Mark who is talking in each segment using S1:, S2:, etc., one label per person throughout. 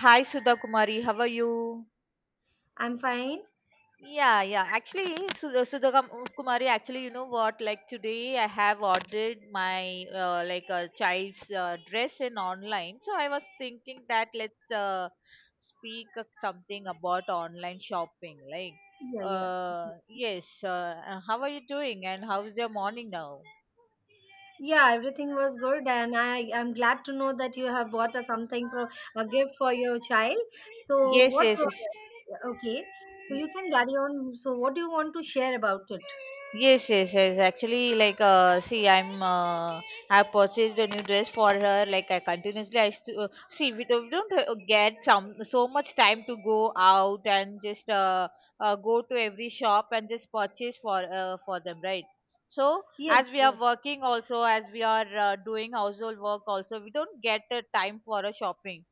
S1: Hi, Sudha Kumari. How are you?
S2: I'm fine.
S1: Yeah, yeah. Actually, Kumari, actually, you know what? Like today, I have ordered my like a child's dress in online. So I was thinking that let's speak of something about online shopping. Like,
S2: Yeah, yeah.
S1: yes. How are you doing? And how's your morning now?
S2: Yeah, everything was good, and I am glad to know that you have bought a something for a gift for your child. So,
S1: Yes,
S2: what?
S1: yes, yes.
S2: Okay, so you can carry on. So, what do you want to share about it?
S1: Yes, yes, yes. Actually, see, I purchased a new dress for her. Like, I continuously, see, we don't get some so much time to go out and just go to every shop and just purchase for them, right? So, as
S2: Yes,
S1: we are
S2: yes,
S1: working also, as we are doing household work also, we don't get time for a shopping.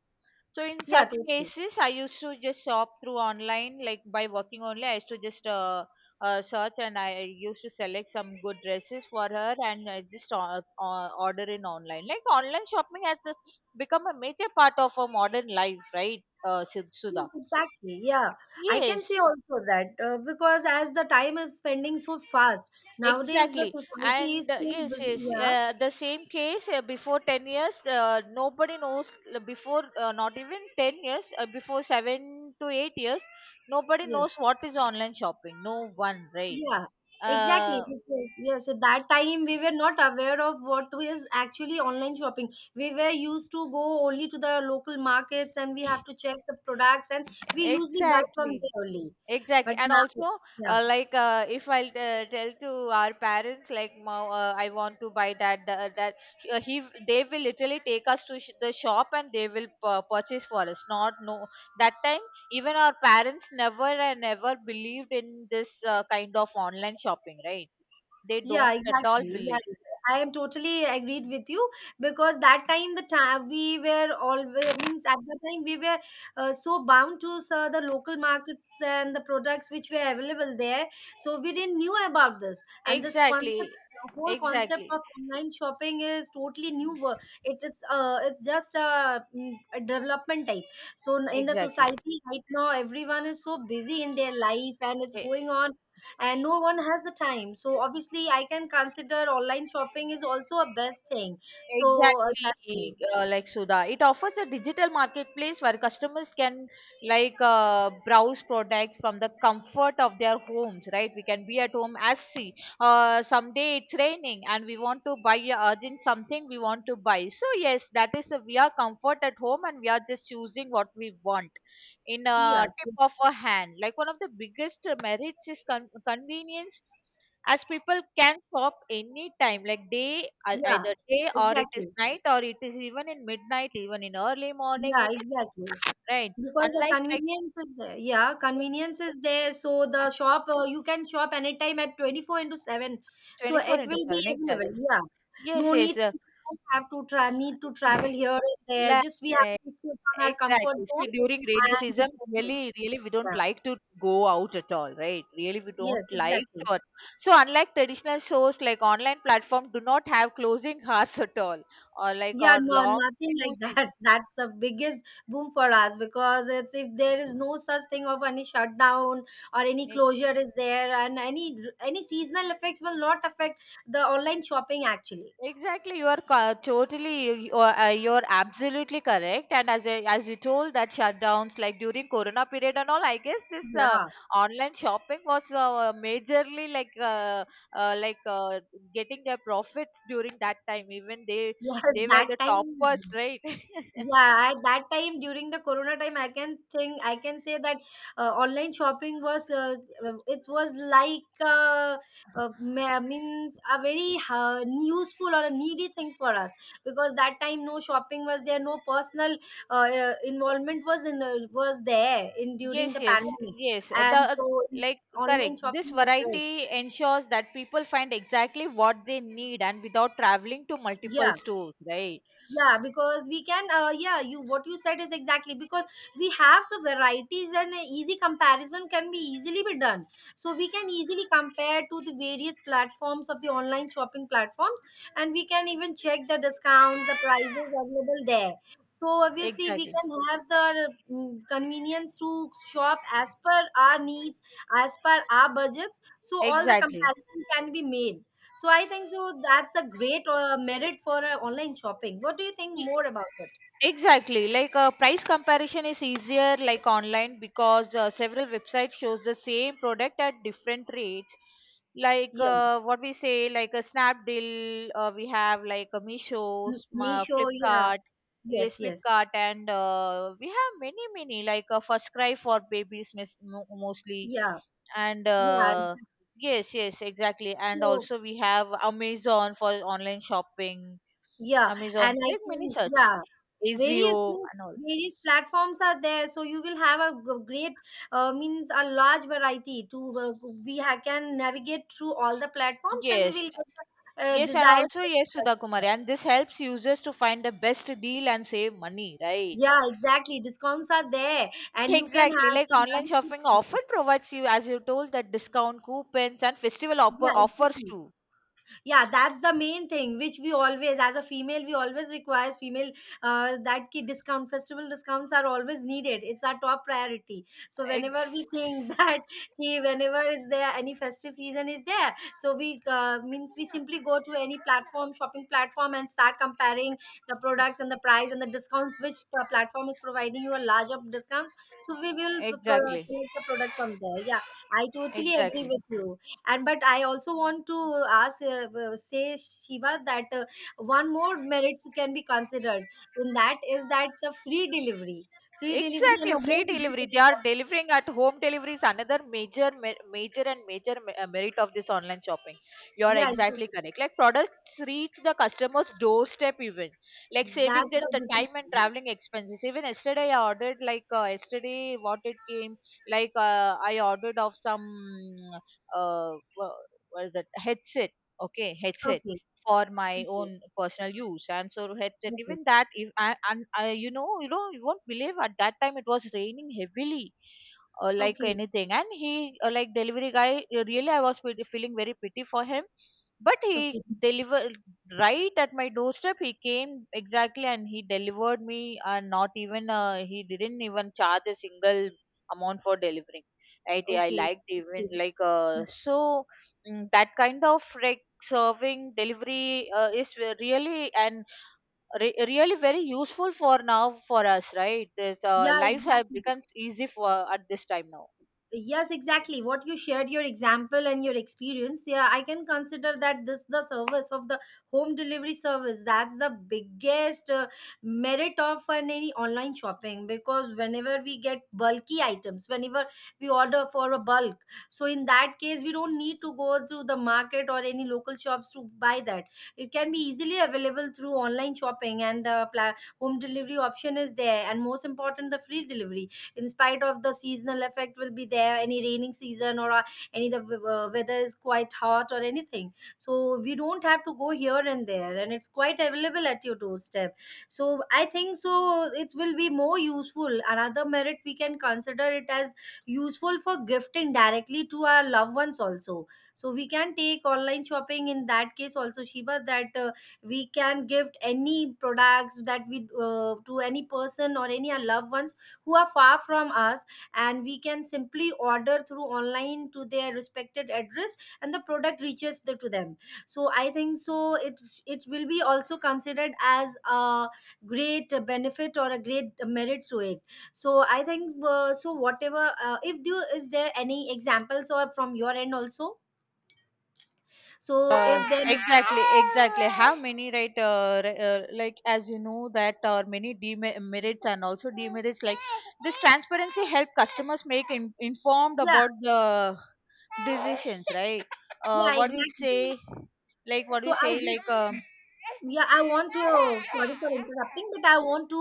S1: So in
S2: yeah,
S1: such
S2: totally.
S1: cases, I used to just shop through online, like by working only. I used to just search, and I used to select some good dresses for her, and I just order in online. Like online shopping has become a major part of our modern life, right,
S2: Yes,
S1: Sudha?
S2: exactly. Yeah, I can say
S1: Yes,
S2: also that because as the time is spending so fast nowadays, the
S1: exactly,
S2: society
S1: and
S2: is so
S1: yes,
S2: busy.
S1: yes,
S2: Yeah,
S1: the same case before 10 years, nobody knows not even 10 years, before 7 to 8 years, nobody knows
S2: yes.
S1: what is online shopping. No one, right?
S2: Yeah, exactly.
S1: Uh,
S2: Because, yes, at that time we were not aware of what is actually online shopping. We were used to go only to the local markets and we have to check the products and we usually buy from
S1: Exactly.
S2: there only.
S1: Exactly,
S2: But
S1: and
S2: now,
S1: also
S2: yeah.
S1: like if I'll tell to our parents like, "Mom, I want to buy that he they will literally take us to the shop, and they will purchase for us. Not no that time even our parents never and never believed in this kind of online shopping, right? They
S2: Yeah,
S1: don't at all
S2: exactly. Yeah,
S1: believe.
S2: I am totally agreed with you because that time the time we were always means at the time we were so bound to the local markets and the products which were available there, so we didn't knew about this and this concept.
S1: Exactly,
S2: The whole concept
S1: exactly,
S2: of online shopping is totally new. It is it's just a, a development type. So in the
S1: exactly.
S2: society right now, everyone is so busy in their life, and it's
S1: Eh,
S2: going on, and no one has the time. So obviously I can consider online shopping is also a best thing, so that's why.
S1: exactly, like Suda. It offers a digital marketplace where customers can browse products from the comfort of their homes, right? We can be at home as see. Someday it's raining and we want to buy urgent something we want to buy. So yes, that is a, we are comfort at home and we are just choosing what we want in a
S2: Yes,
S1: tip of a hand. Like one of the biggest merits is convenience, as people can shop anytime, like day
S2: yeah,
S1: either day, or it is
S2: exactly.
S1: night, or it is even in midnight, even in early morning,
S2: Yeah,
S1: anything,
S2: exactly,
S1: right?
S2: because the
S1: Unlike like
S2: convenience is there. Yeah, convenience is there, so the shop, you can shop anytime at 24/7, so
S1: 24
S2: it
S1: into
S2: will be
S1: 7,
S2: available.
S1: exactly.
S2: Yeah,
S1: Yes,
S2: no need
S1: yes,
S2: to, don't have to try, need to travel here and there,
S1: like,
S2: just we have to sit on our comfort
S1: exactly, see,
S2: zone
S1: during rainy
S2: and we
S1: season,
S2: can do.
S1: really, really we don't
S2: Yeah.
S1: like to go out at all, right? Really we don't
S2: Yes,
S1: like
S2: exactly.
S1: to so unlike traditional shows, like online platform do not have closing hours at all, or like
S2: Yeah,
S1: or
S2: no,
S1: long
S2: nothing
S1: queues.
S2: like that. That's the biggest boom for us because it's if there is no such thing of any shutdown or any
S1: Ex-
S2: closure is there, and any seasonal effects will not affect the online shopping actually.
S1: Exactly, you are totally, you are absolutely correct. And as I, as you told that shutdowns like during Corona period and all, I guess this
S2: Yeah,
S1: online shopping was majorly uh, like uh, getting their profits during that time. Even
S2: yes,
S1: they were
S2: that
S1: the toppers,
S2: time.
S1: right?
S2: Yeah, at that time during the corona time, I can think I can say that online shopping was it was like means a very useful or a needy thing for us because that time no shopping was there, no personal involvement was in was there in during
S1: Yes,
S2: the
S1: yes,
S2: pandemic,
S1: yes. The
S2: and so
S1: like
S2: online
S1: Correct. This
S2: shopping was great.
S1: variety ensures that people find exactly what they need and without traveling to multiple
S2: Yeah.
S1: stores, right?
S2: Yeah, because we can yeah, you what you said is exactly, because we have the varieties, and a easy comparison can be easily be done, so we can easily compare to the various platforms of the online shopping platforms, and we can even check the discounts, the prices available there. So obviously we
S1: Exactly,
S2: can have the convenience to shop as per our needs, as per our budgets, so all the
S1: exactly.
S2: comparison can be made. So I think so that's a great merit for online shopping. What do you think
S1: Y-
S2: more about it?
S1: Exactly. Like price comparison is easier like online, because several websites shows the same product at different rates. Like
S2: Yeah,
S1: what we say, like a Snapdeal, we have like a Meesho,
S2: Meesho. Yeah,
S1: Flipkart,
S2: yes,
S1: yes,
S2: yes,
S1: Flipkart, and we have many many like a First Cry for babies, mostly,
S2: yeah,
S1: and
S2: yeah. It's
S1: yes, yes, exactly, and
S2: so
S1: also we have Amazon for online shopping,
S2: yeah,
S1: Amazon
S2: and I
S1: Prime mini
S2: can
S1: search,
S2: yeah. Various
S1: Azio
S2: means
S1: and all.
S2: various platforms are there, so you will have a great means a large variety to can navigate through all the platforms, and we
S1: Yes,
S2: will get the
S1: yes, and
S2: desired
S1: also
S2: product
S1: yes,
S2: as
S1: Sudha Kumari,
S2: well.
S1: and this helps users to find the best deal and save money, right?
S2: Yeah, exactly. Discounts are there, and you can
S1: Exactly,
S2: have
S1: like
S2: to
S1: online shopping often
S2: navigate.
S1: provides you, as you told, that discount coupons and festival
S2: Yeah,
S1: offers
S2: exactly.
S1: too.
S2: Yeah, that's the main thing which we always, as a female, we always requires female that ki discount festival discounts are always needed. It's our top priority. So whenever
S1: Ex-
S2: we think that he, whenever is there any festive season is there, so we means we simply go to any platform, shopping platform, and start comparing the products and the price and the discounts which platform is providing you a larger discount. So we will
S1: exactly,
S2: select the product from there. Yeah, I totally agree
S1: exactly.
S2: with you, and but I also want to ask say Shiva that one more merits can be considered in that is that the free delivery, free delivery
S1: Exactly,
S2: and a
S1: free
S2: home
S1: delivery. They are
S2: delivery.
S1: delivering at home, delivery is another major, major and major merit of this online shopping. You are
S2: Yeah,
S1: exactly
S2: exactly.
S1: correct. Like products reach the customer's doorstep even, like saving
S2: That's the
S1: the
S2: biggest
S1: time and
S2: thing. Yeah.
S1: traveling expenses. Even yesterday I ordered like yesterday what it came, like I ordered of some uh, wha- what is that headset. Okay, headset
S2: Okay,
S1: for my
S2: okay,
S1: own personal use, and so headset,
S2: okay,
S1: even that if I, and I you won't believe, at that time it was raining heavily or like anything, and he like delivery guy really I was feeling very pity for him, but
S2: okay,
S1: he
S2: okay,
S1: delivered right at my doorstep. He came exactly, and he delivered me, and not even he didn't even charge a single amount for delivering, right? I
S2: okay,
S1: liked even
S2: yes, yes.
S1: so mm, that kind of like serving delivery is really and really very useful for now for us, right? This
S2: Yeah,
S1: lives have
S2: exactly.
S1: becomes easy for at this time now.
S2: Yes, exactly. What you shared, your example and your experience, yeah, I can consider that this the service of the home delivery service. That's the biggest merit of an, any online shopping, because whenever we get bulky items, whenever we order for a bulk, so in that case we don't need to go through the market or any local shops to buy that. It can be easily available through online shopping, and the home delivery option is there, and most important, the free delivery in spite of the seasonal effect will be there, any raining season or any the weather is quite hot or anything, so we don't have to go here and there and it's quite available at your doorstep. So I think so it will be more useful. Another merit we can consider it as useful for gifting directly to our loved ones also. So we can take online shopping in that case also, Shiva, that we can gift any products that we to any person or any our loved ones who are far from us, and we can simply order through online to their respected address and the product reaches the, to them. So I think so it will be also considered as a great benefit or a great merit to it. So I think so whatever if do is there any examples or from your end also, so if there
S1: Exactly, exactly. Have many, right, like as you know that are many demerits and also demerits. Like this transparency help customers make informed
S2: yeah,
S1: about the decisions, right?
S2: yeah,
S1: What we
S2: exactly,
S1: say, like what
S2: so
S1: we
S2: I
S1: say,
S2: just.
S1: like
S2: Yeah, I want to, sorry for interrupting, but I want to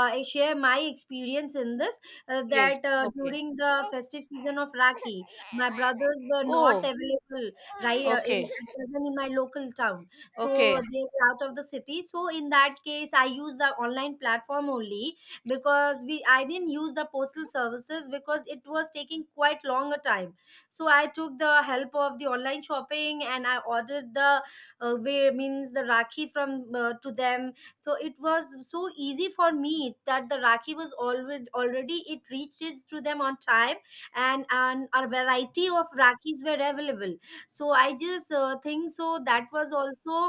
S2: share my experience in this,
S1: yes,
S2: that
S1: okay,
S2: during the festive season of Rakhi, my brothers were not
S1: oh,
S2: available, right, in,
S1: okay,
S2: at present in my local town. So
S1: okay,
S2: they were out of the city. So in that case, I used the online platform only, because we I didn't use the postal services because it was taking quite long a time. So I took the help of the online shopping and I ordered the wear means the rakhi from to them. So it was so easy for me that the rakhi was already, it reaches to them on time, and a variety of rakhis were available. So I just think so that was also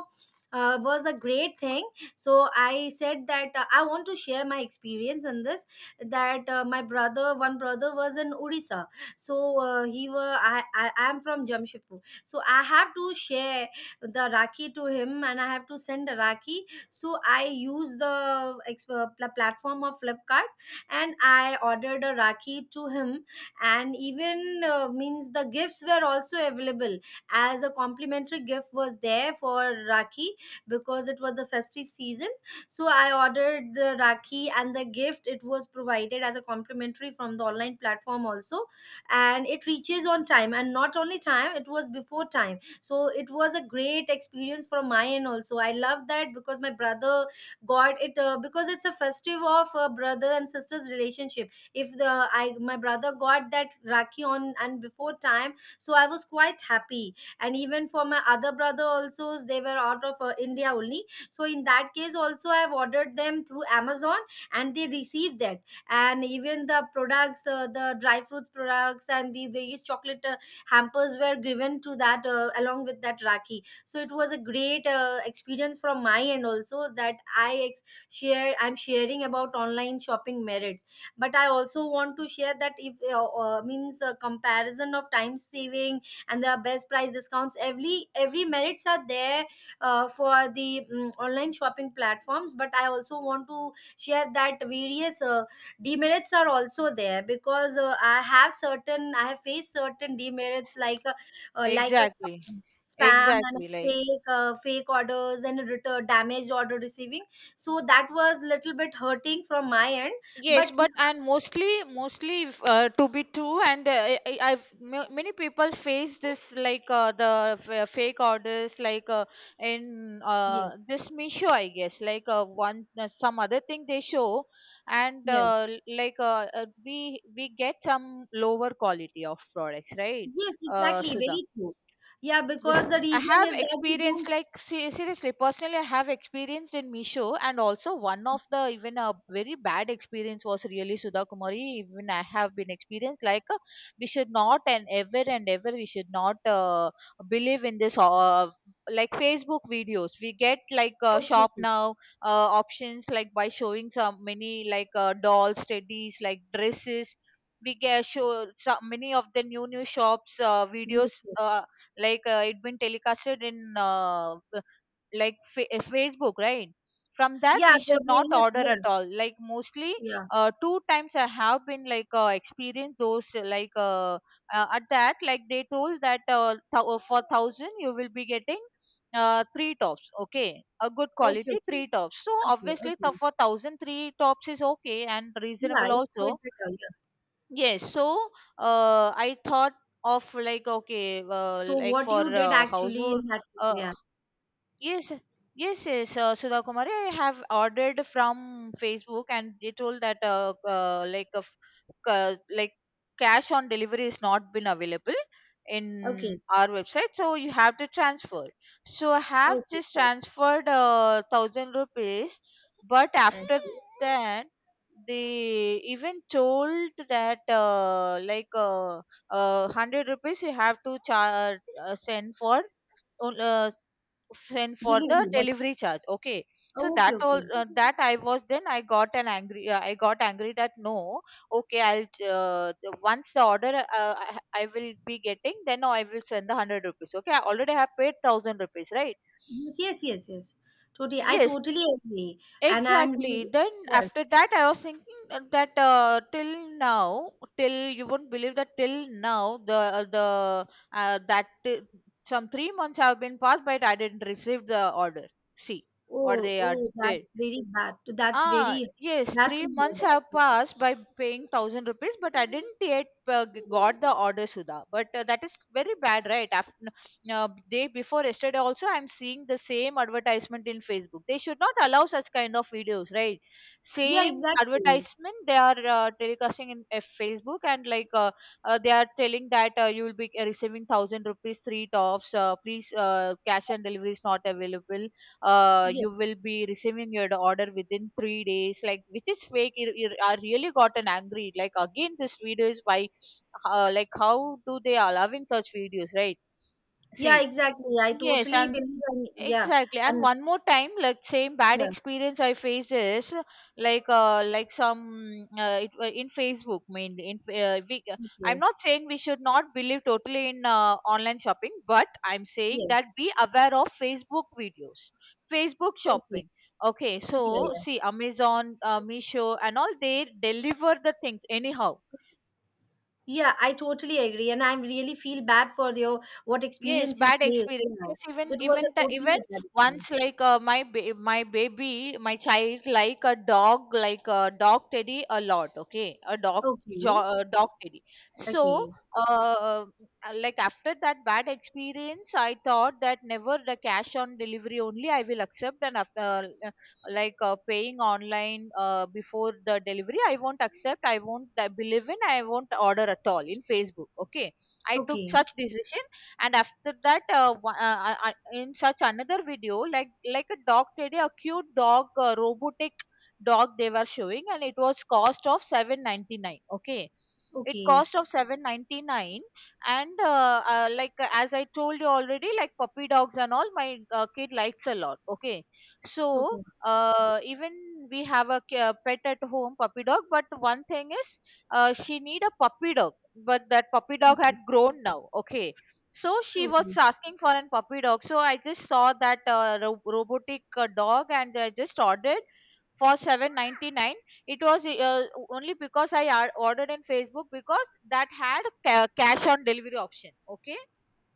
S2: was a great thing. So I said that I want to share my experience in this, that my brother, one brother was in Odisha. So he were I am from Jamshedpur, so I have to share the rakhi to him and I have to send the rakhi, so I use the platform of Flipkart, and I ordered a rakhi to him. And even means the gifts were also available as a complimentary gift was there for rakhi because it was the festive season. So I ordered the rakhi and the gift, it was provided as a complimentary from the online platform also, and it reaches on time, and not only time, it was before time. So it was a great experience from my end also. I love that because my brother got it, because it's a festive of brother and sister's relationship, if the I my brother got that rakhi on and before time, so I was quite happy. And even for my other brother also, they were out of India only, so in that case also I've ordered them through Amazon, and they received that. And even the products, the dry fruits products and the various chocolate hampers were given to that along with that rakhi. So it was a great experience from my end also, that I share, I'm sharing about online shopping merits. But I also want to share that if means a comparison of time saving and the best price discounts, every merits are there for the online shopping platforms. But I also want to share that various demerits are also there, because I have certain, I have faced certain demerits like a
S1: exactly,
S2: spam and
S1: exactly, like.
S2: fake fake orders and return damage order receiving. So that was little bit hurting from my end. But
S1: Yes, but
S2: yes,
S1: and mostly, mostly if, to be true, and I've many people face this like fake orders, like in
S2: yes,
S1: this Misho, I guess, like one some other thing they show, and
S2: yeah,
S1: we get some lower quality of products, right,
S2: yes, exactly,
S1: Sudha?
S2: very true. Yeah, because the
S1: I
S2: reason
S1: have
S2: is that we
S1: experienced
S2: don't.
S1: like seriously, personally I have experienced in Misho, and also one of the even a very bad experience was really, Sudha Kumari. Even I have been experienced like we should not, and ever and ever we should not believe in this like Facebook videos, we get like
S2: Okay,
S1: shop
S2: okay.
S1: now uh, options like by showing some many like dolls, teddies, like dresses, we get show some many of the new new shops
S2: Yes,
S1: videos
S2: yes.
S1: it been telecasted in Facebook, right? From that
S2: Yeah,
S1: we
S2: the
S1: should not
S2: various
S1: order
S2: yeah,
S1: at all, like mostly
S2: yeah.
S1: two times I have been experienced those at that, like they told that for 1000 you will be getting three tops, okay, a good
S2: Okay,
S1: quality
S2: okay,
S1: three tops, so
S2: okay,
S1: obviously
S2: okay.
S1: for 1000 three tops is okay and
S2: Yeah,
S1: reasonable
S2: it's
S1: also.
S2: quite better. Yeah.
S1: Yes, so I thought of like, okay,
S2: So
S1: like
S2: what
S1: for
S2: you did actually
S1: household
S2: in that?
S1: uh,
S2: Yeah.
S1: yes, yes, yes, Sudha Kumari. I have ordered from Facebook, and they told that like cash on delivery is not been available
S2: Okay.
S1: in our website, so you have to transfer. So I have
S2: Okay,
S1: just
S2: cool.
S1: transferred thousand rupees, but
S2: I
S1: after
S2: see.
S1: that they even told that hundred rupees you have to send for. on- uh, Send for the
S2: Delivery. But
S1: delivery charge, okay? So
S2: oh, okay,
S1: that all
S2: okay.
S1: that I was, then I got an angry, I got angry that no, okay, I'll uh, once the order I will be getting, then I will send the 100 rupees, okay? I already have paid 1000 rupees, right?
S2: Yes, yes, yes, yes. Totally. I
S1: Yes,
S2: totally agree. And I'm
S1: exactly.
S2: really,
S1: Then
S2: yes.
S1: after that, I was thinking that till now, till, you won't believe that till now, uh, that t- some 3 months have been passed, but I didn't receive the order. See what
S2: Oh,
S1: they
S2: oh, that's
S1: did.
S2: very bad. That's
S1: Ah,
S2: very
S1: yes,
S2: bad to
S1: three
S2: hear
S1: months have
S2: that.
S1: passed by paying thousand rupees, but I didn't yet got the order, Sudha. But that is very bad, right? After day before yesterday also I'm seeing the same advertisement in Facebook. They should not allow such kind of videos, right?
S2: Yeah,
S1: Same
S2: exactly.
S1: advertisement they are telecasting in Facebook, and like they are telling that you will be receiving thousand rupees, three tops. Please, cash and delivery is not available,
S2: Yeah.
S1: you will be receiving your order within 3 days, like, which is fake. I really gotten angry like again this video is why like how do they allowing such videos, right?
S2: Yeah,
S1: See,
S2: exactly. I
S1: yes,
S2: totally
S1: and
S2: believe, and yeah.
S1: exactly. And
S2: And
S1: one more time, like same bad
S2: yeah.
S1: experience I faced is like some in Facebook mainly. We, I'm
S2: Okay.
S1: not saying we should not believe totally in online shopping, but I'm saying
S2: Yeah.
S1: that be aware of Facebook videos, Facebook
S2: Okay.
S1: shopping. Okay,
S2: Yeah.
S1: so
S2: Yeah.
S1: see Amazon, Meesho, and all, they deliver the things anyhow.
S2: Yeah, I totally agree, and I really feel bad for your what
S1: Yes,
S2: experience you
S1: bad
S2: faced.
S1: experience.
S2: Yeah,
S1: Yes, even
S2: it was
S1: even
S2: a
S1: the even
S2: totally a bad
S1: once
S2: experience.
S1: like my baby, my child like a dog teddy a lot. Okay, a dog
S2: Okay,
S1: a dog teddy. So
S2: okay,
S1: uh, like after that bad experience, I thought that never the cash on delivery only I will accept, and after like paying online before the delivery, I won't accept. I won't believe in. I won't order at all in Facebook. Okay, I took
S2: okay,
S1: such decision and after that in such another video like a dog teddy, a cute dog robotic dog they were showing, and it was cost of 799. Okay, it
S2: okay,
S1: cost of 799. And like as I told you already, like puppy dogs and all my kid likes a lot. Okay, so
S2: okay,
S1: even we have a pet at home, puppy dog, but one thing is she need a puppy dog, but that puppy dog had
S2: okay,
S1: grown now. Okay, so she was
S2: okay.
S1: asking for a puppy dog, so I just saw that robotic dog and I just ordered for 799. It was Only because I ordered in facebook, because that had cash on delivery option. Okay.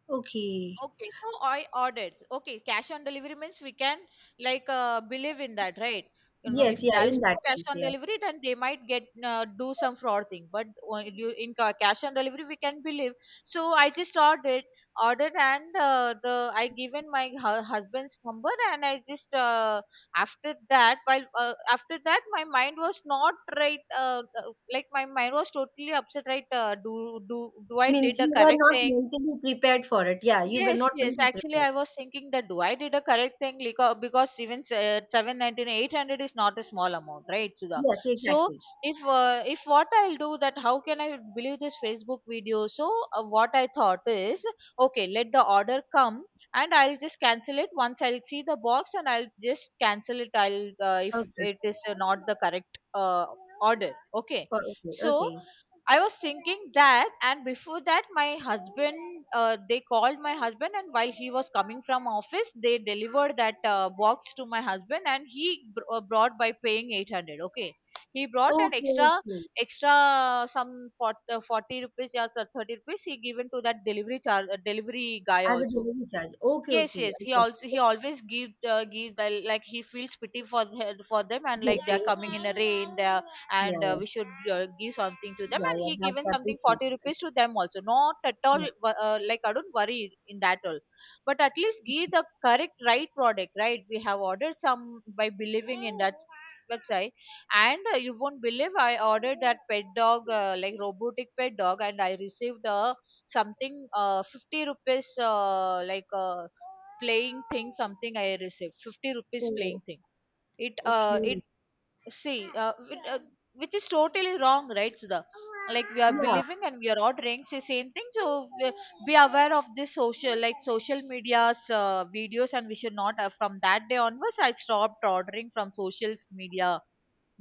S2: Okay.
S1: Okay, so I ordered. Okay, cash on delivery means we can believe in that, right? You know,
S2: Yes,
S1: if
S2: yeah,
S1: there is
S2: in that
S1: no cash
S2: case,
S1: on
S2: yeah,
S1: delivery, then they might get do some fraud thing. But when you in cash on delivery, we can believe. So I just ordered, and the I given my husband's number, and I just after that, while after that, my mind was not right. Like my mind was totally upset, right? Do do I
S2: means
S1: did the
S2: you were
S1: correct
S2: not
S1: thing?
S2: mentally prepared for it. Yeah, you were
S1: Yes,
S2: not
S1: yes.
S2: mentally
S1: Actually,
S2: prepared.
S1: I was thinking that do I did a correct thing because 799, 800 is not a small amount, right, Sudha?
S2: Yes,
S1: So
S2: exactly.
S1: if what I'll do that, how can I believe this Facebook video? So what I thought is, okay, let the order come and I'll just cancel it once I'll see the box and I'll just cancel it. I'll If
S2: Okay,
S1: it is not the correct order, okay.
S2: oh, okay,
S1: So
S2: okay,
S1: I was thinking that, and before that, my husband, they called my husband, and while he was coming from office, they delivered that box to my husband, and he brought by paying 800. Okay, he brought an
S2: okay,
S1: extra,
S2: okay.
S1: extra some 40 rupees or 30 rupees he given to that delivery charge, delivery guy
S2: As a
S1: also.
S2: delivery charge. Okay,
S1: Yes,
S2: okay.
S1: yes.
S2: I got
S1: He
S2: it.
S1: always give give the, like he feels pity for the, for them, and like
S2: Okay,
S1: they're coming
S2: okay.
S1: in a rain there,
S2: Yeah,
S1: and
S2: yeah,
S1: we should give something to them,
S2: yeah,
S1: and
S2: yeah.
S1: he
S2: That
S1: given
S2: that
S1: something
S2: is good.
S1: 40 rupees to them also. Not at
S2: Yeah.
S1: all like I don't worry in that all, but at least give the correct right product, right. We have ordered some by believing in that website, and you won't believe, I ordered that pet dog, like robotic pet dog, and I received the something 50 rupees playing thing. Something I received 50 rupees playing
S2: Oh,
S1: thing. It it
S2: okay.
S1: See, uh, it, uh, which is totally wrong, right, Sudha? Like we are
S2: Yeah.
S1: believing and we are ordering the same thing, so we- be aware of this social media's videos, and we should not from that day onwards I stopped ordering from social media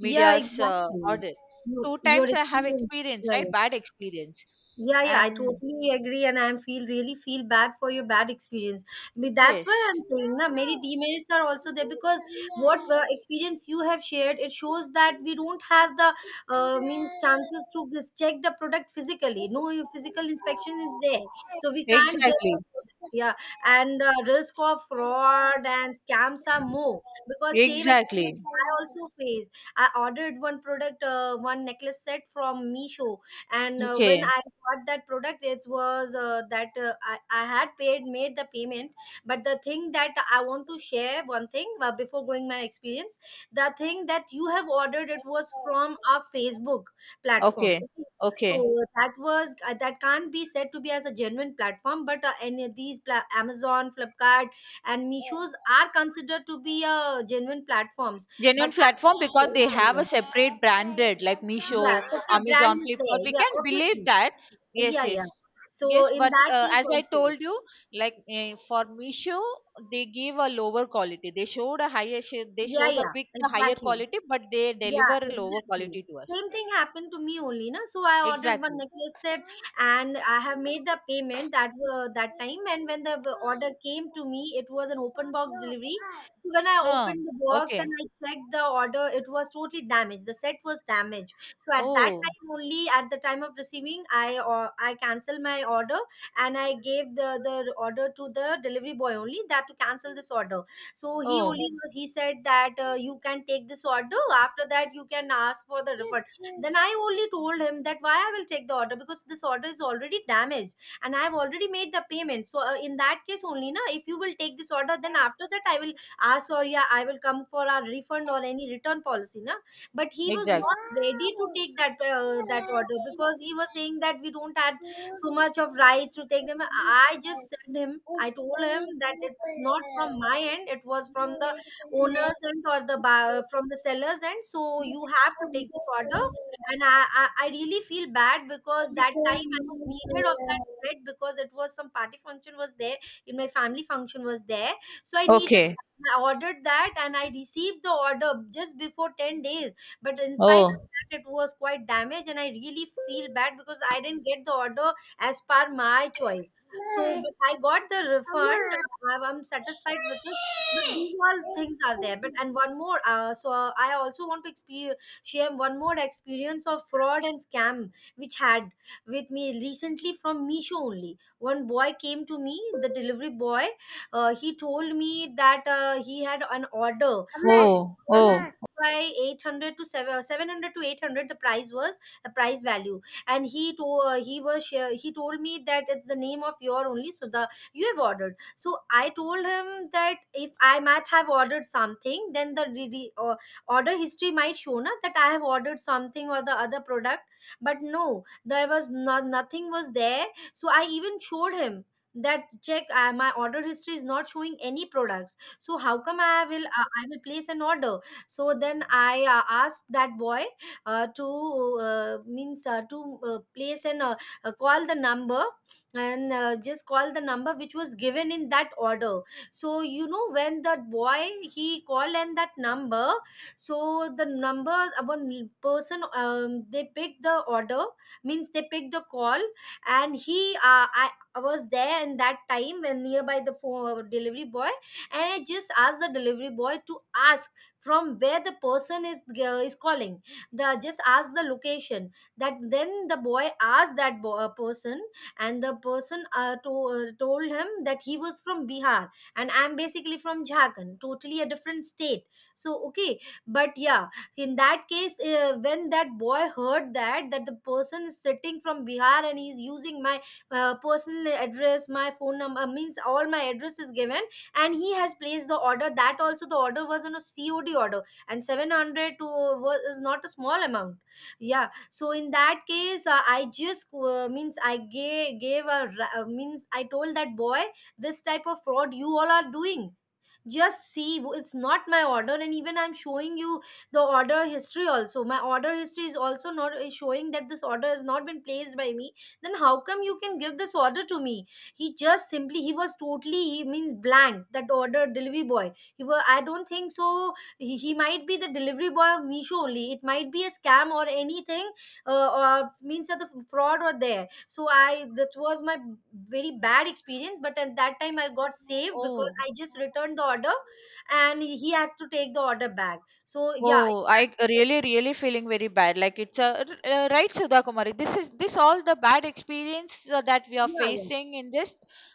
S2: Yeah, exactly.
S1: order.
S2: You,
S1: Two
S2: your
S1: times I have
S2: experience.
S1: experienced,
S2: Yeah,
S1: right,
S2: yeah.
S1: bad experience.
S2: Yeah, yeah, I
S1: And
S2: totally agree, and I feel really feel bad for your bad experience. But that's why
S1: yes.
S2: I'm saying, na, many demerits are also there because what experience you have shared, it shows that we don't have the means chances to just check the product physically. No physical inspection is there, so we can't judge the
S1: Exactly.
S2: product. Yeah, and the risk of fraud and scams are more because same
S1: Exactly.
S2: experience I also faced. I ordered one product, one necklace set from Meesho, and when
S1: Okay.
S2: I what that product it was that I had paid made the payment, but the thing that I want to share one thing before going my experience, the thing that you have ordered it was from our Facebook platform,
S1: Okay,
S2: okay? So
S1: okay.
S2: that was that can't be said to be as a genuine platform, but any of these Amazon, Flipkart and Mishos are considered to be genuine platforms, but
S1: Genuine
S2: I
S1: platform
S2: think,
S1: because they
S2: yeah,
S1: have
S2: yeah.
S1: a separate branded like Meesho,
S2: Yeah, such a brand
S1: Amazon,
S2: is
S1: Flipkart.
S2: there.
S1: We
S2: Yeah,
S1: can believe
S2: obviously.
S1: that. Yes,
S2: Yeah,
S1: yes,
S2: yeah. So
S1: yes.
S2: in
S1: But
S2: that case
S1: as I
S2: also,
S1: told you, for Meesho, they give a lower quality. They showed a higher. They
S2: yeah,
S1: show the
S2: yeah,
S1: pick the higher
S2: exactly.
S1: quality, but they
S2: Yeah,
S1: deliver a lower
S2: exactly.
S1: quality to us.
S2: Same thing happened to me only, na. So I ordered one
S1: Exactly.
S2: necklace set, and I have made the payment that that time. And when the order came to me, it was an open box delivery. When I
S1: Huh.
S2: opened the box and
S1: Okay.
S2: I checked the order, it was totally damaged. The set was damaged. So at that
S1: Oh.
S2: time only, at the time of receiving, I or I canceled my order, and i gave the order to the delivery boy only that to cancel this order. So he
S1: Oh.
S2: only he said that you can take this order, after that you can ask for the refund. Then I only told him that why I will take the order because this order is already damaged, and I have already made the payment, so in that case only na if you will take this order then after that I will ask or yeah I will come for a refund or any return policy na. But he was
S1: Exactly.
S2: not ready to take that that order because he was saying that we don't have so much of rights to take them. I just said him, I told him that it's not from my end, it was from the owner's end or the from the seller's end, so you have to take this order. And I I really feel bad because that time I was needed of that bread because it was some party function was there, in my family function was there, so I needed,
S1: Okay.
S2: I ordered that and I received the order just before 10 days, but in spite of
S1: Oh.
S2: that it was quite damaged, and I really feel bad because I didn't get the order as per my choice. So but I got the refund, have I'm satisfied with it, but these all things are there. But and one more so I also want to experience share one more experience of fraud and scam which had with me recently from Misho only. One boy came to me, the delivery boy, he told me that he had an order of
S1: Oh. Oh.
S2: by 800 to 7 700 to 800 the price was, the price value, and he to, he was share, he told me that it's the name of your only, so the you have ordered. So I told him that if I might have ordered something, then the order history might show na that I have ordered something or the other product, but no, there was no, nothing was there. So I even showed him that check my order history is not showing any products, so how come I will place an order? So then I asked that boy to means to place and call the number, and just call the number which was given in that order. So you know when that boy he called and that number, so the number one person they picked the order, means they picked the call. And he I was there in that time when nearby the phone delivery boy, and I just asked the delivery boy to ask from where the person is calling, the just ask the location. That then the boy asked that person, and the person told him that he was from Bihar, and I'm basically from Jharkhand, totally a different state. So okay, but yeah, in that case when that boy heard that that the person is sitting from Bihar and he's using my personal address, my phone number, means all my address is given, and he has placed the order. That also the order was on a COD order, and 700 to was is not a small amount. Yeah, so in that case I just means i gave a means I told that boy this type of fraud you all are doing, just see it's not my order, and even I'm showing you the order history also, my order history is also not is showing that this order has not been placed by me, then how come you can give this order to me? He just simply he was totally he means blank, that order delivery boy. He was, I don't think so, he might be the delivery boy of Misho only, it might be a scam or anything, or means that the fraud were there. So I that was my very bad experience, but at that time I got saved because I
S1: Oh.
S2: just returned the order, and he has to take the order back. So yeah,
S1: Oh, I
S2: yes,
S1: really, really feeling very bad. Like it's a right, Sudha Kumari. This is this all the bad experience that we are
S2: yeah, yeah,
S1: facing in this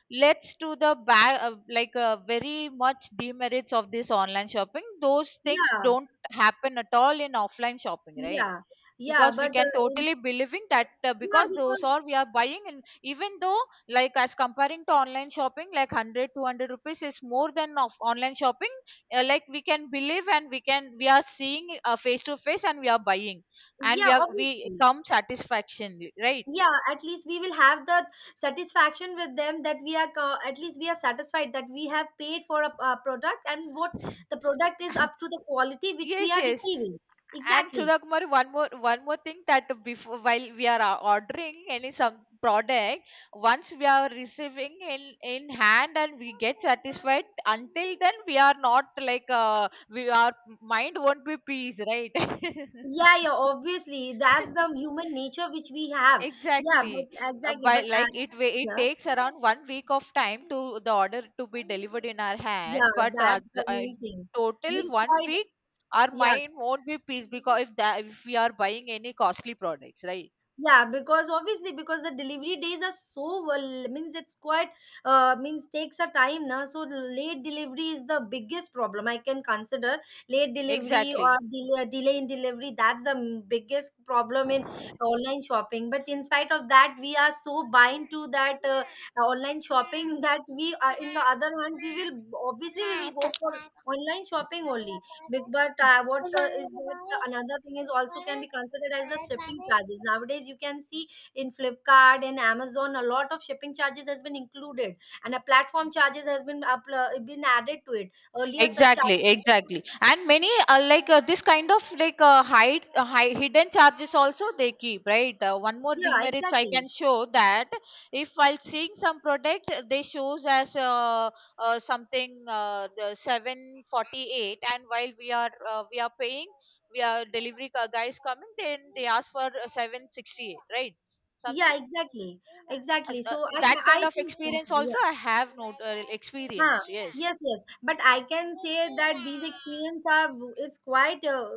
S1: leads to the bad, very much demerits of this online shopping. Those things
S2: yeah,
S1: don't happen at all in offline shopping, right?
S2: yeah, yeah,
S1: Because we
S2: but
S1: can totally believing that
S2: yeah
S1: because those
S2: because
S1: are we are buying, and even though like as comparing to online shopping, like 100 200 rupees is more than of online shopping. Like we can believe, and we can, we are seeing face to face, and we are buying, and we
S2: yeah,
S1: are we
S2: obviously
S1: come satisfaction, right?
S2: yeah, at least we will have the satisfaction with them that we are at least we are satisfied that we have paid for a product, and what the product is up to the quality which we
S1: Yes,
S2: are
S1: yes.
S2: receiving.
S1: And
S2: Exactly.
S1: Sudha Kumar, one more thing that before, while we are ordering any some product, once we are receiving in hand and we get satisfied, until then we are not like we our mind won't be peace, right?
S2: Yeah, yeah, obviously that's the human nature which we have. Yeah, but
S1: Exactly.
S2: exactly,
S1: By
S2: but
S1: like it
S2: yeah,
S1: takes around 1 week of time to the order to be delivered in our hand,
S2: yeah,
S1: but
S2: that's the main thing,
S1: total
S2: means
S1: one
S2: quite
S1: week our
S2: yeah,
S1: mind won't be peace, because if that if we are buying any costly products, right?
S2: yeah, because obviously because the delivery days are so well, means it's quite means takes a time now, so late delivery is the biggest problem I can consider. Late delivery or
S1: Exactly.
S2: delay in delivery, that's the biggest problem in online shopping. But in spite of that, we are so bind to that online shopping that we are in the other hand we will obviously we will go for online shopping only. Big, but what is that the another thing is also can be considered as the shipping charges. Nowadays, you can see in Flipkart, in Amazon, a lot of shipping charges has been included, and a platform charges has been up, been added to it. Earlier, such charge,
S1: Exactly, exactly. And many this kind of hidden charges also they keep, right? One more
S2: yeah,
S1: demerits I
S2: exactly,
S1: can show, that if while seeing some product they shows as something the 748, and while we are paying, we are delivery guys coming, then they ask for 768, right?
S2: yeah,
S1: Something
S2: exactly, exactly.
S1: as- uh,
S2: So I,
S1: that kind
S2: I
S1: of
S2: think,
S1: experience
S2: yeah.
S1: also I have not
S2: Huh.
S1: experienced. Yes.
S2: Yes, yes. But I can say that these experience are, it's quite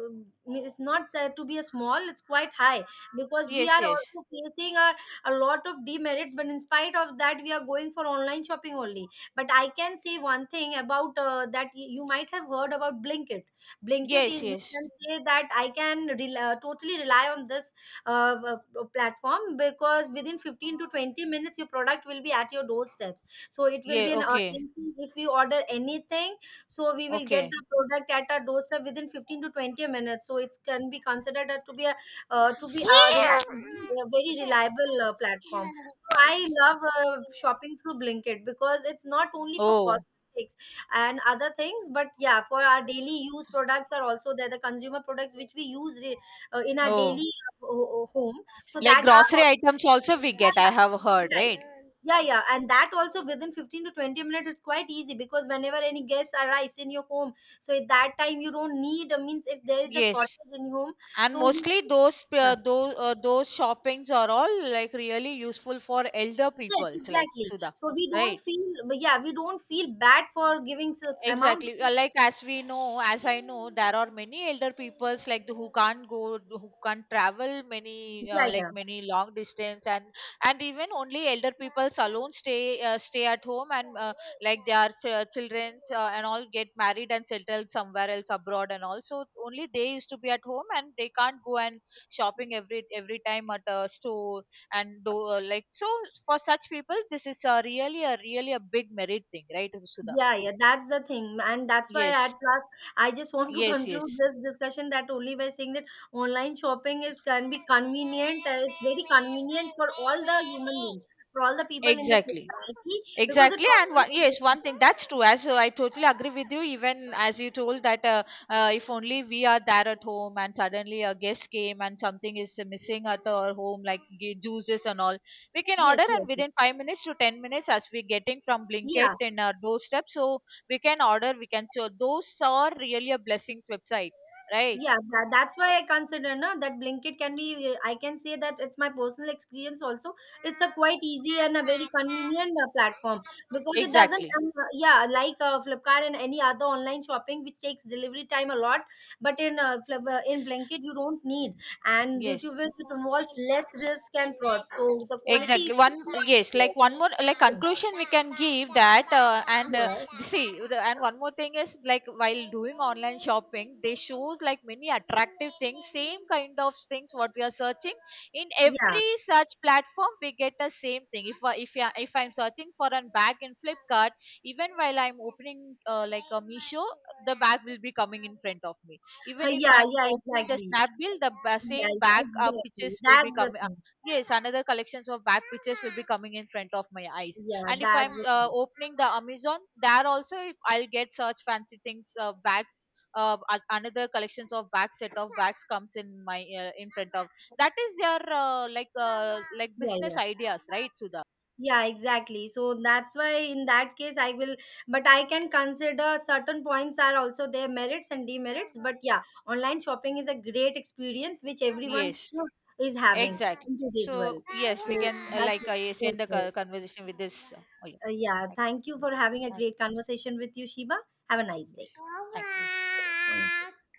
S2: it's not said to be a small, it's quite high because we
S1: Yes,
S2: are
S1: yes.
S2: also facing a lot of demerits. But in spite of that, we are going for online shopping only. But I can say one thing about that you might have heard about Blinkit. Blinkit
S1: Yes,
S2: is you
S1: yes.
S2: can say that I can rel totally rely on this platform because within 15 to 20 minutes your product will be at your doorstep, so it will
S1: Yeah,
S2: be an
S1: okay.
S2: urgency if we order anything, so we will get
S1: Okay.
S2: the product at our doorstep within 15 to 20 minutes, so it can be considered to be a, reliable, a very reliable platform. So I love shopping through Blinkit because it's not only for
S1: Oh.
S2: cosmetics and other things, but yeah, for our daily use products are also there, the consumer products which we use in our
S1: Oh.
S2: daily home, so
S1: Like
S2: that are
S1: grocery items also we get, I
S2: yeah,
S1: have heard,
S2: yeah,
S1: right?
S2: yeah, yeah, yeah. And that also within 15 to 20 minutes, it's quite easy because whenever any guest arrives in your home, so at that time you don't need, means if there is a
S1: Yes.
S2: shortage in your home,
S1: And
S2: so you,
S1: mostly those
S2: yeah.
S1: those shoppings are all like really useful for elder
S2: Yes,
S1: peoples like
S2: exactly.
S1: Sudha,
S2: So we don't
S1: right?
S2: feel, yeah, we don't feel bad for giving this amount.
S1: Exactly. Like as we know, as I know, there are many elder peoples like the, who can't go, who can't travel many
S2: Yeah, yeah.
S1: many long distance, and even only elder peoples alone stay at home, and like their children and all get married and settled somewhere else abroad, and also only they used to be at home, and they can't go and shopping every time at a store and do like so. For such people, this is a really a big merit thing, right, Sudha?
S2: Yeah, yeah, that's the thing. And that's why at
S1: Yes.
S2: last I just want to
S1: Yes,
S2: conclude
S1: yes,
S2: this discussion that only by saying that online shopping is can be convenient. It's very convenient for all the human beings, for all the people in the
S1: exactly,
S2: society because it
S1: exactly, and one, yes,
S2: offers
S1: one thing that's true. As I totally agree with you, even as you told that if only we are there at home and suddenly a guest came and something is missing at our home, like juices and all, we can order,
S2: yes,
S1: and
S2: yes, yes.
S1: within 5 minutes to 10 minutes, as we're getting from Blinkit
S2: Yeah.
S1: in our doorstep, so we can order, we can. So those are really a blessing website, right?
S2: Yeah, that, that's why I consider na, that Blinkit can be, I can say that it's my personal experience also. It's a quite easy and a very convenient platform because it doesn't,
S1: Exactly.
S2: yeah, like Flipkart and any other online shopping which takes delivery time a lot. But in in Blinkit, you don't need, and due
S1: Yes.
S2: to which it involves less risk and fraud. So the quality
S1: Exactly,
S2: is
S1: one. Yes,
S2: not
S1: like one more like
S2: there.
S1: conclusion we can give that and
S2: Yeah,
S1: see and one more thing is, like while doing online shopping, they shows like many attractive things, same kind of things what we are searching. In
S2: yeah,
S1: every search platform we get the same thing. If I'm searching for a bag in flipkart, even while I'm opening a misho, the bag will be coming in front of me.
S2: yeah,
S1: Even if
S2: yeah,
S1: I'm
S2: yeah,
S1: opening the
S2: exactly.
S1: snapdeal, the
S2: Yeah,
S1: same
S2: yeah,
S1: bag
S2: exactly.
S1: pictures will be
S2: That's the
S1: coming
S2: thing.
S1: yes, another collections of back pictures will be coming in front of my eyes.
S2: Yeah,
S1: And if
S2: that's
S1: I'm
S2: the thing.
S1: opening the Amazon, there also if I'll get search fancy things, bags. Another collections of bags, set of bags comes in my in front of. That is their like
S2: Yeah,
S1: business
S2: yeah.
S1: ideas, right, Sudha?
S2: Yeah, exactly. So that's why in that case I will but I can consider certain points are also their merits and demerits. But yeah, online shopping is a great experience which everyone
S1: Yes,
S2: should is having
S1: exactly.
S2: in today's
S1: So
S2: world.
S1: yes, we
S2: So
S1: can
S2: that
S1: yes, end the
S2: okay.
S1: conversation with this. Oh yeah.
S2: Yeah,
S1: Thank
S2: thank you
S1: you.
S2: for having a
S1: Thank
S2: great conversation with you, Shiba. Have a nice
S1: you. Yes.
S2: day.
S1: Thank you.